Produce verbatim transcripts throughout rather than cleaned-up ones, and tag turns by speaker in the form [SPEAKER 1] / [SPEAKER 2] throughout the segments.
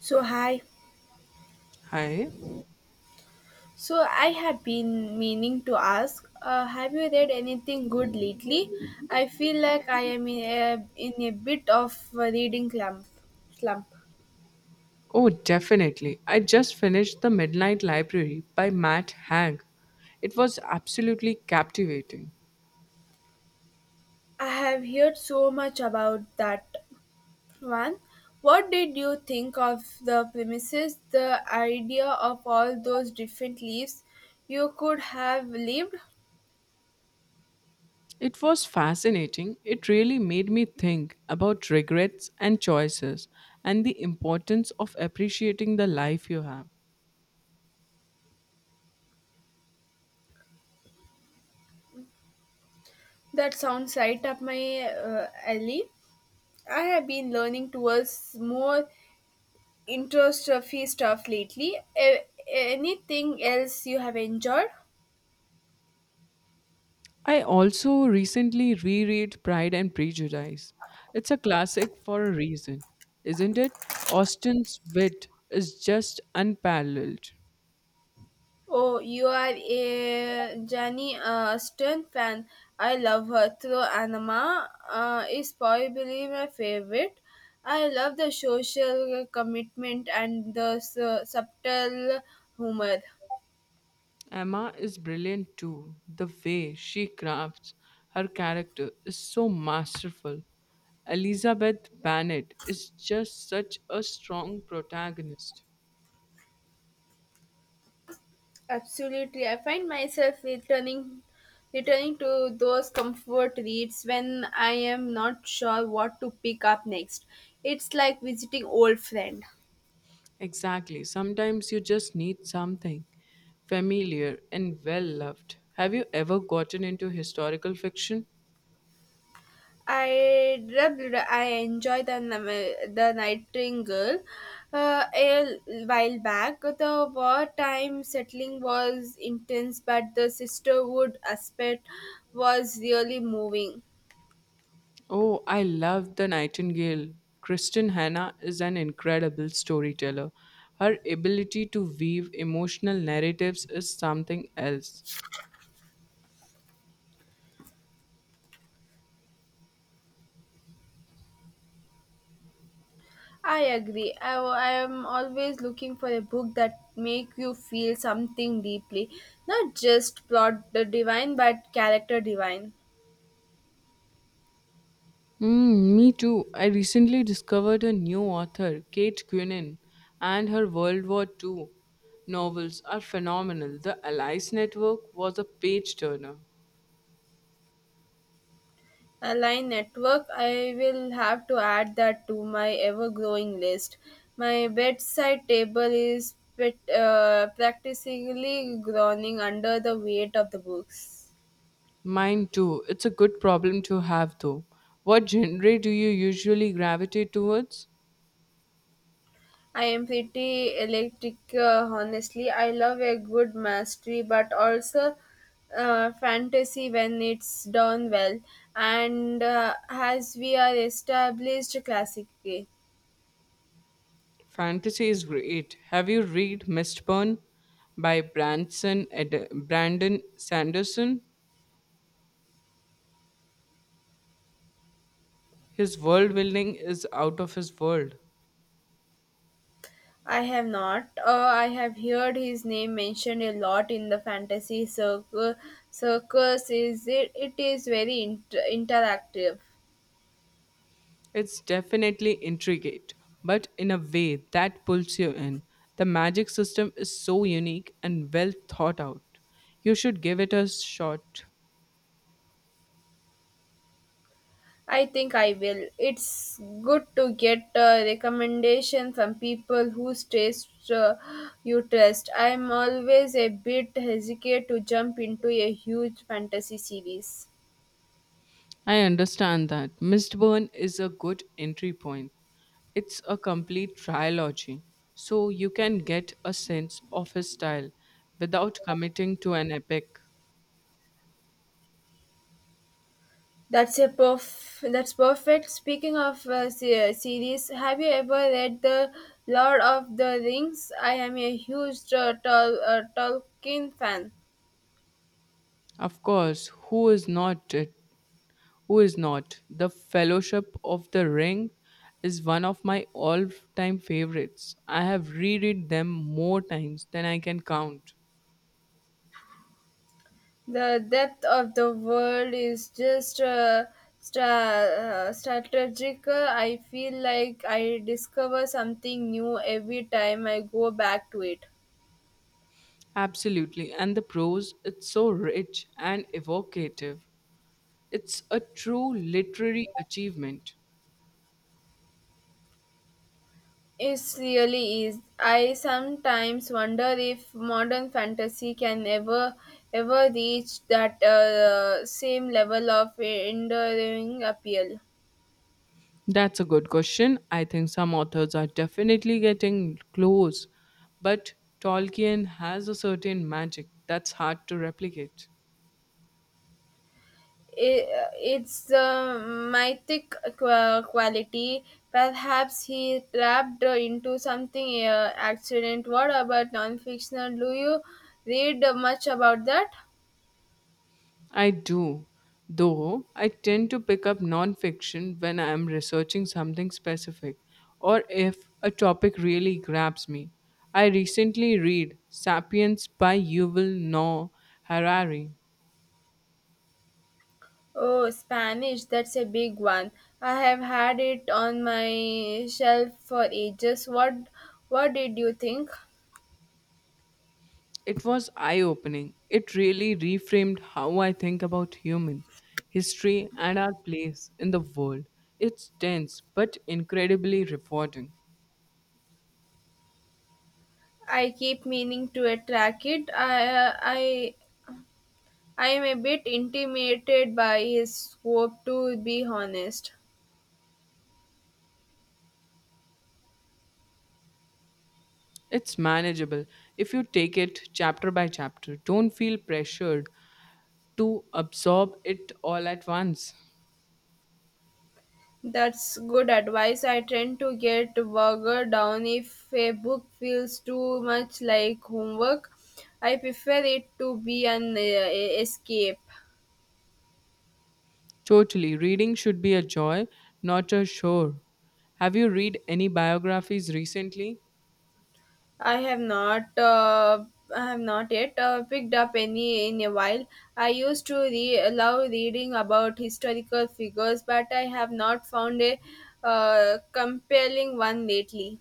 [SPEAKER 1] So hi.
[SPEAKER 2] Hi.
[SPEAKER 1] So I have been meaning to ask, uh, have you read anything good lately? I feel like I am in a, in a bit of a reading slump. Slump.
[SPEAKER 2] Oh, definitely. I just finished The Midnight Library by Matt Haig. It was absolutely captivating.
[SPEAKER 1] I have heard so much about that one. What did you think of the premises, the idea of all those different leaves you could have lived?
[SPEAKER 2] It was fascinating. It really made me think about regrets and choices and the importance of appreciating the life you have.
[SPEAKER 1] That sounds right up my uh, alley. I have been learning towards more interest introstrophy stuff lately. A- anything else you have enjoyed?
[SPEAKER 2] I also recently reread Pride and Prejudice. It's a classic for a reason, isn't it? Austen's wit is just unparalleled.
[SPEAKER 1] Oh, you are a Jenny uh, Stern fan. I love her. Through Anima uh, is probably my favorite. I love the social commitment and the su- subtle humor.
[SPEAKER 2] Emma is brilliant too. The way she crafts her character is so masterful. Elizabeth Bennet is just such a strong protagonist.
[SPEAKER 1] Absolutely. I find myself returning returning to those comfort reads when I am not sure what to pick up next. It's like visiting old friend.
[SPEAKER 2] Exactly. Sometimes you just need something familiar and well loved. Have you ever gotten into historical fiction?
[SPEAKER 1] I I enjoy the nam- the Nightingale uh, a while back. The wartime settling was intense, but the sisterhood aspect was really moving.
[SPEAKER 2] Oh, I love The Nightingale. Kristen Hanna is an incredible storyteller. Her ability to weave emotional narratives is something else.
[SPEAKER 1] I agree. I, I am always looking for a book that make you feel something deeply, not just plot the divine, but character divine.
[SPEAKER 2] Mm, me too. I recently discovered a new author, Kate Quinnan, and her World War Two novels are phenomenal. The Allies Network was a page turner.
[SPEAKER 1] A line network. I will have to add that to my ever-growing list. My bedside table is pet, uh, practically groaning under the weight of the books.
[SPEAKER 2] Mine too. It's a good problem to have, though. What genre do you usually gravitate towards?
[SPEAKER 1] I am pretty electric, uh, honestly. I love a good mastery, but also uh, fantasy when it's done well. And uh, as we are established classically,
[SPEAKER 2] Fantasy is great. Have you read Mistborn by Branson Ed- Brandon Sanderson? His world building is out of his world.
[SPEAKER 1] I have not. Uh, I have heard his name mentioned a lot in the fantasy circle. Circus is it? It is very inter- interactive.
[SPEAKER 2] It's definitely intricate, but in a way that pulls you in. The magic system is so unique and well thought out. You should give it a shot.
[SPEAKER 1] I think I will. It's good to get a recommendation from people whose taste uh, you trust. I'm always a bit hesitant to jump into a huge fantasy series.
[SPEAKER 2] I understand that. Mistborn is a good entry point. It's a complete trilogy, so you can get a sense of his style without committing to an epic.
[SPEAKER 1] That's a perf- that's perfect. Speaking of uh, se- uh, series, have you ever read the Lord of the Rings? I am a huge uh, Tol- uh, Tolkien fan.
[SPEAKER 2] Of course, who is not it? Who is not? The Fellowship of the Ring is one of my all time favorites. I have reread them more times than I can count.
[SPEAKER 1] The depth of the world is just uh, stra- uh, strategic. I feel like I discover something new every time I go back to it.
[SPEAKER 2] Absolutely, and the prose, it's so rich and evocative. It's a true literary achievement.
[SPEAKER 1] It really is. I sometimes wonder if modern fantasy can ever ever reach that uh, same level of enduring appeal.
[SPEAKER 2] That's a good question. I think some authors are definitely getting close, but Tolkien has a certain magic that's hard to replicate.
[SPEAKER 1] I- it's the mythic qua- quality. Perhaps he trapped into something uh, accident. What about non-fictional? Do you read much about that?
[SPEAKER 2] I do, though I tend to pick up nonfiction when I am researching something specific or if a topic really grabs me. I recently read Sapiens by Yuval Noah Harari.
[SPEAKER 1] Oh, Spanish. That's a big one. I have had it on my shelf for ages. What What did you think?
[SPEAKER 2] It was eye opening. It really reframed how I think about human history and our place in the world. It's dense but incredibly rewarding.
[SPEAKER 1] I keep meaning to attract it. I I I am a bit intimidated by his scope, to be honest.
[SPEAKER 2] It's manageable if you take it chapter by chapter. Don't feel pressured to absorb it all at once.
[SPEAKER 1] That's good advice. I tend to get bogged down if a book feels too much like homework. I prefer it to be an uh, e-, escape.
[SPEAKER 2] Totally. Reading should be a joy, not a chore. Have you read any biographies recently?
[SPEAKER 1] I have not. Uh, I have not yet uh, picked up any in a while. I used to re- love reading about historical figures, but I have not found a uh, compelling one lately.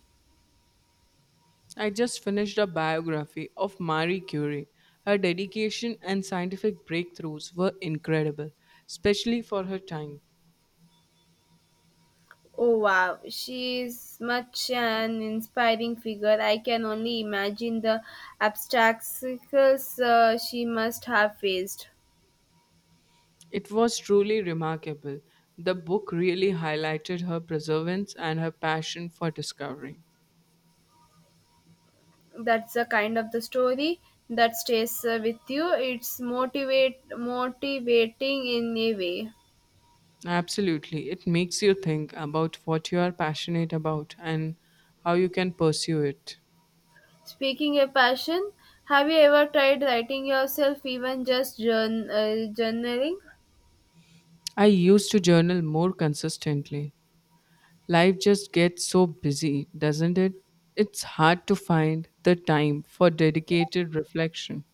[SPEAKER 2] I just finished a biography of Marie Curie. Her dedication and scientific breakthroughs were incredible, especially for her time.
[SPEAKER 1] Oh wow, she's much an inspiring figure. I can only imagine the obstacles uh, she must have faced.
[SPEAKER 2] It was truly remarkable. The book really highlighted her perseverance and her passion for discovery.
[SPEAKER 1] That's the kind of the story that stays uh, with you. It's motivate motivating in a way.
[SPEAKER 2] Absolutely. It makes you think about what you are passionate about and how you can pursue it.
[SPEAKER 1] Speaking of passion, have you ever tried writing yourself, even just journ- uh, journaling?
[SPEAKER 2] I used to journal more consistently. Life just gets so busy, doesn't it? It's hard to find the time for dedicated reflection.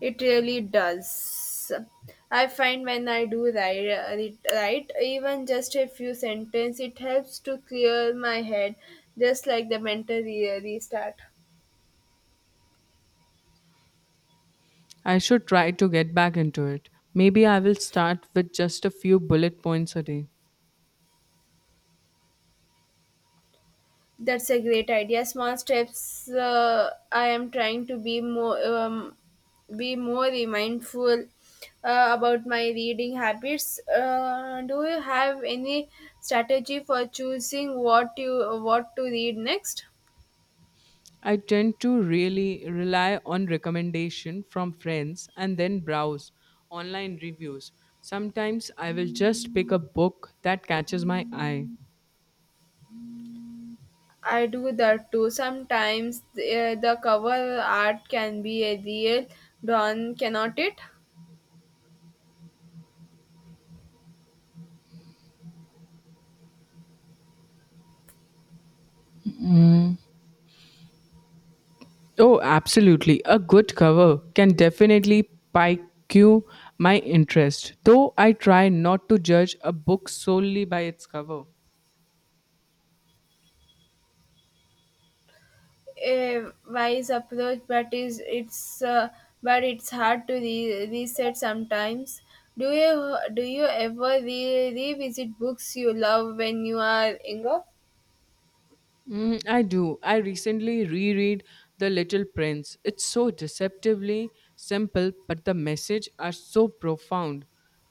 [SPEAKER 1] It really does. I find when I do that, it right, even just a few sentences, it helps to clear my head, just like the mental re- restart.
[SPEAKER 2] I should try to get back into it. Maybe I will start with just a few bullet points a day.
[SPEAKER 1] That's a great idea. Small steps. Uh, I am trying to be more, um, be more mindful uh, about my reading habits. Uh, do you have any strategy for choosing what you what to read next?
[SPEAKER 2] I tend to really rely on recommendation from friends and then browse online reviews. Sometimes I will just pick a book that catches my eye.
[SPEAKER 1] I do that too. Sometimes the, the cover art can be a real dawn, cannot it?
[SPEAKER 2] Oh, absolutely. A good cover can definitely pique my interest, though I try not to judge a book solely by its cover.
[SPEAKER 1] A wise approach, but is it's uh, but it's hard to re- reset sometimes. Do you do you ever re- revisit books you love when you are younger?
[SPEAKER 2] Mm, I do. I recently reread The Little Prince. It's so deceptively simple, but the message are so profound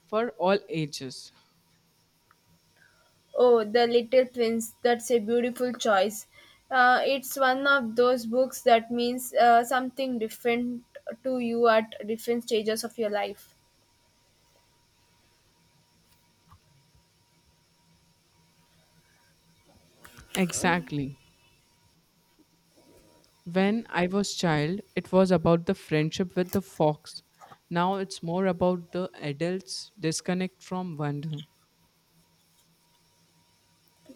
[SPEAKER 2] for all ages.
[SPEAKER 1] Oh, The Little Prince. That's a beautiful choice. Uh, it's one of those books that means uh, something different to you at different stages of your life.
[SPEAKER 2] Exactly. When I was child, it was about the friendship with the fox. Now it's more about the adults disconnect from wonder.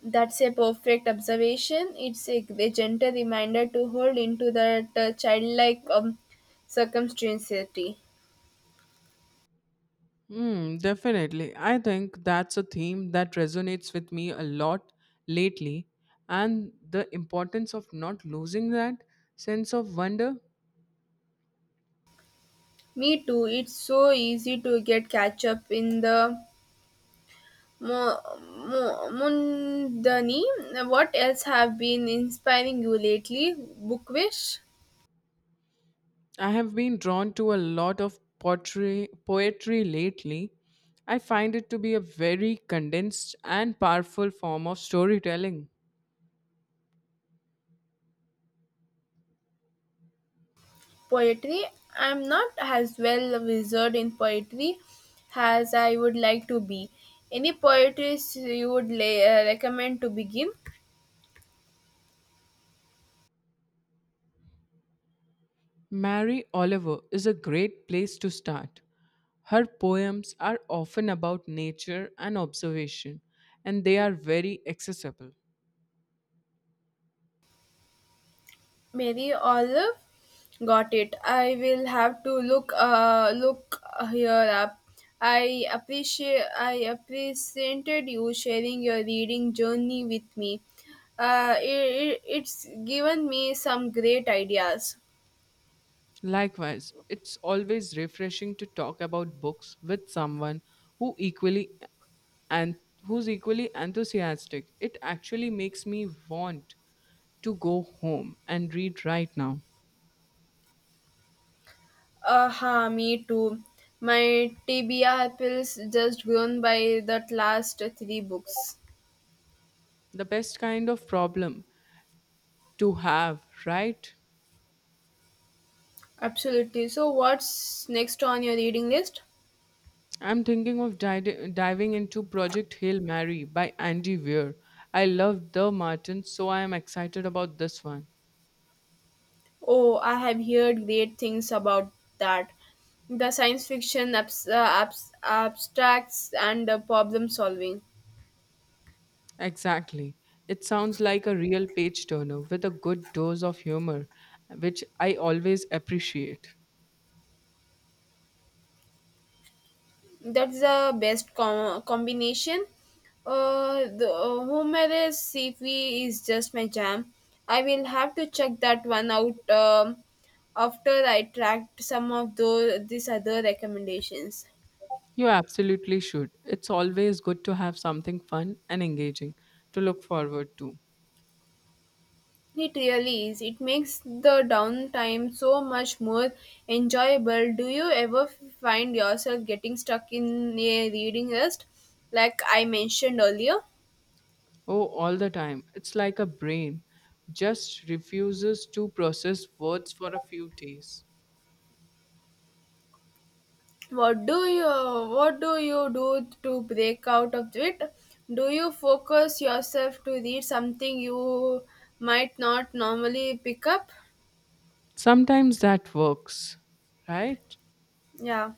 [SPEAKER 1] That's a perfect observation. It's a, a gentle reminder to hold into that uh, childlike um, circumstantiality.
[SPEAKER 2] Mm, definitely. I think that's a theme that resonates with me a lot lately, and the importance of not losing that sense of wonder.
[SPEAKER 1] Me too. It's so easy to get catch up in the mo- mo- mundane. What else have been inspiring you lately? Book wish
[SPEAKER 2] I have been drawn to a lot of poetry, poetry lately. I find it to be a very condensed and powerful form of storytelling.
[SPEAKER 1] poetry. I'm not as well a wizard in poetry as I would like to be. Any poetries you would la- uh, recommend to begin?
[SPEAKER 2] Mary Oliver is a great place to start. Her poems are often about nature and observation, and they are very accessible.
[SPEAKER 1] Mary Olive. Got it. I will have to look uh look here up. I appreciate I appreciated you sharing your reading journey with me. Uh, it, it's given me some great ideas.
[SPEAKER 2] Likewise, it's always refreshing to talk about books with someone who equally and who's equally enthusiastic. It actually makes me want to go home and read right now.
[SPEAKER 1] Aha, me too. My T B R pills just grown by that last three books.
[SPEAKER 2] The best kind of problem to have, right?
[SPEAKER 1] Absolutely. So, what's next on your reading list?
[SPEAKER 2] I'm thinking of di- diving into Project Hail Mary by Andy Weir. I love the Martin, so I am excited about this one.
[SPEAKER 1] Oh, I have heard great things about that. The science fiction abs- uh, abs- abstracts and the problem solving.
[SPEAKER 2] Exactly. It sounds like a real page turner with a good dose of humor, which I always appreciate.
[SPEAKER 1] That's the best com- combination. Uh, the uh, Homer's C V is just my jam. I will have to check that one out um, after I tracked some of those these other recommendations.
[SPEAKER 2] You absolutely should. It's always good to have something fun and engaging to look forward to.
[SPEAKER 1] It really is. It makes the downtime so much more enjoyable. Do you ever find yourself getting stuck in a reading list, like I mentioned earlier?
[SPEAKER 2] Oh, all the time. It's like a brain just refuses to process words for a few days.
[SPEAKER 1] What do you What do you do to break out of it? Do you focus yourself to read something you might not normally pick up?
[SPEAKER 2] Sometimes that works, right?
[SPEAKER 1] Yeah.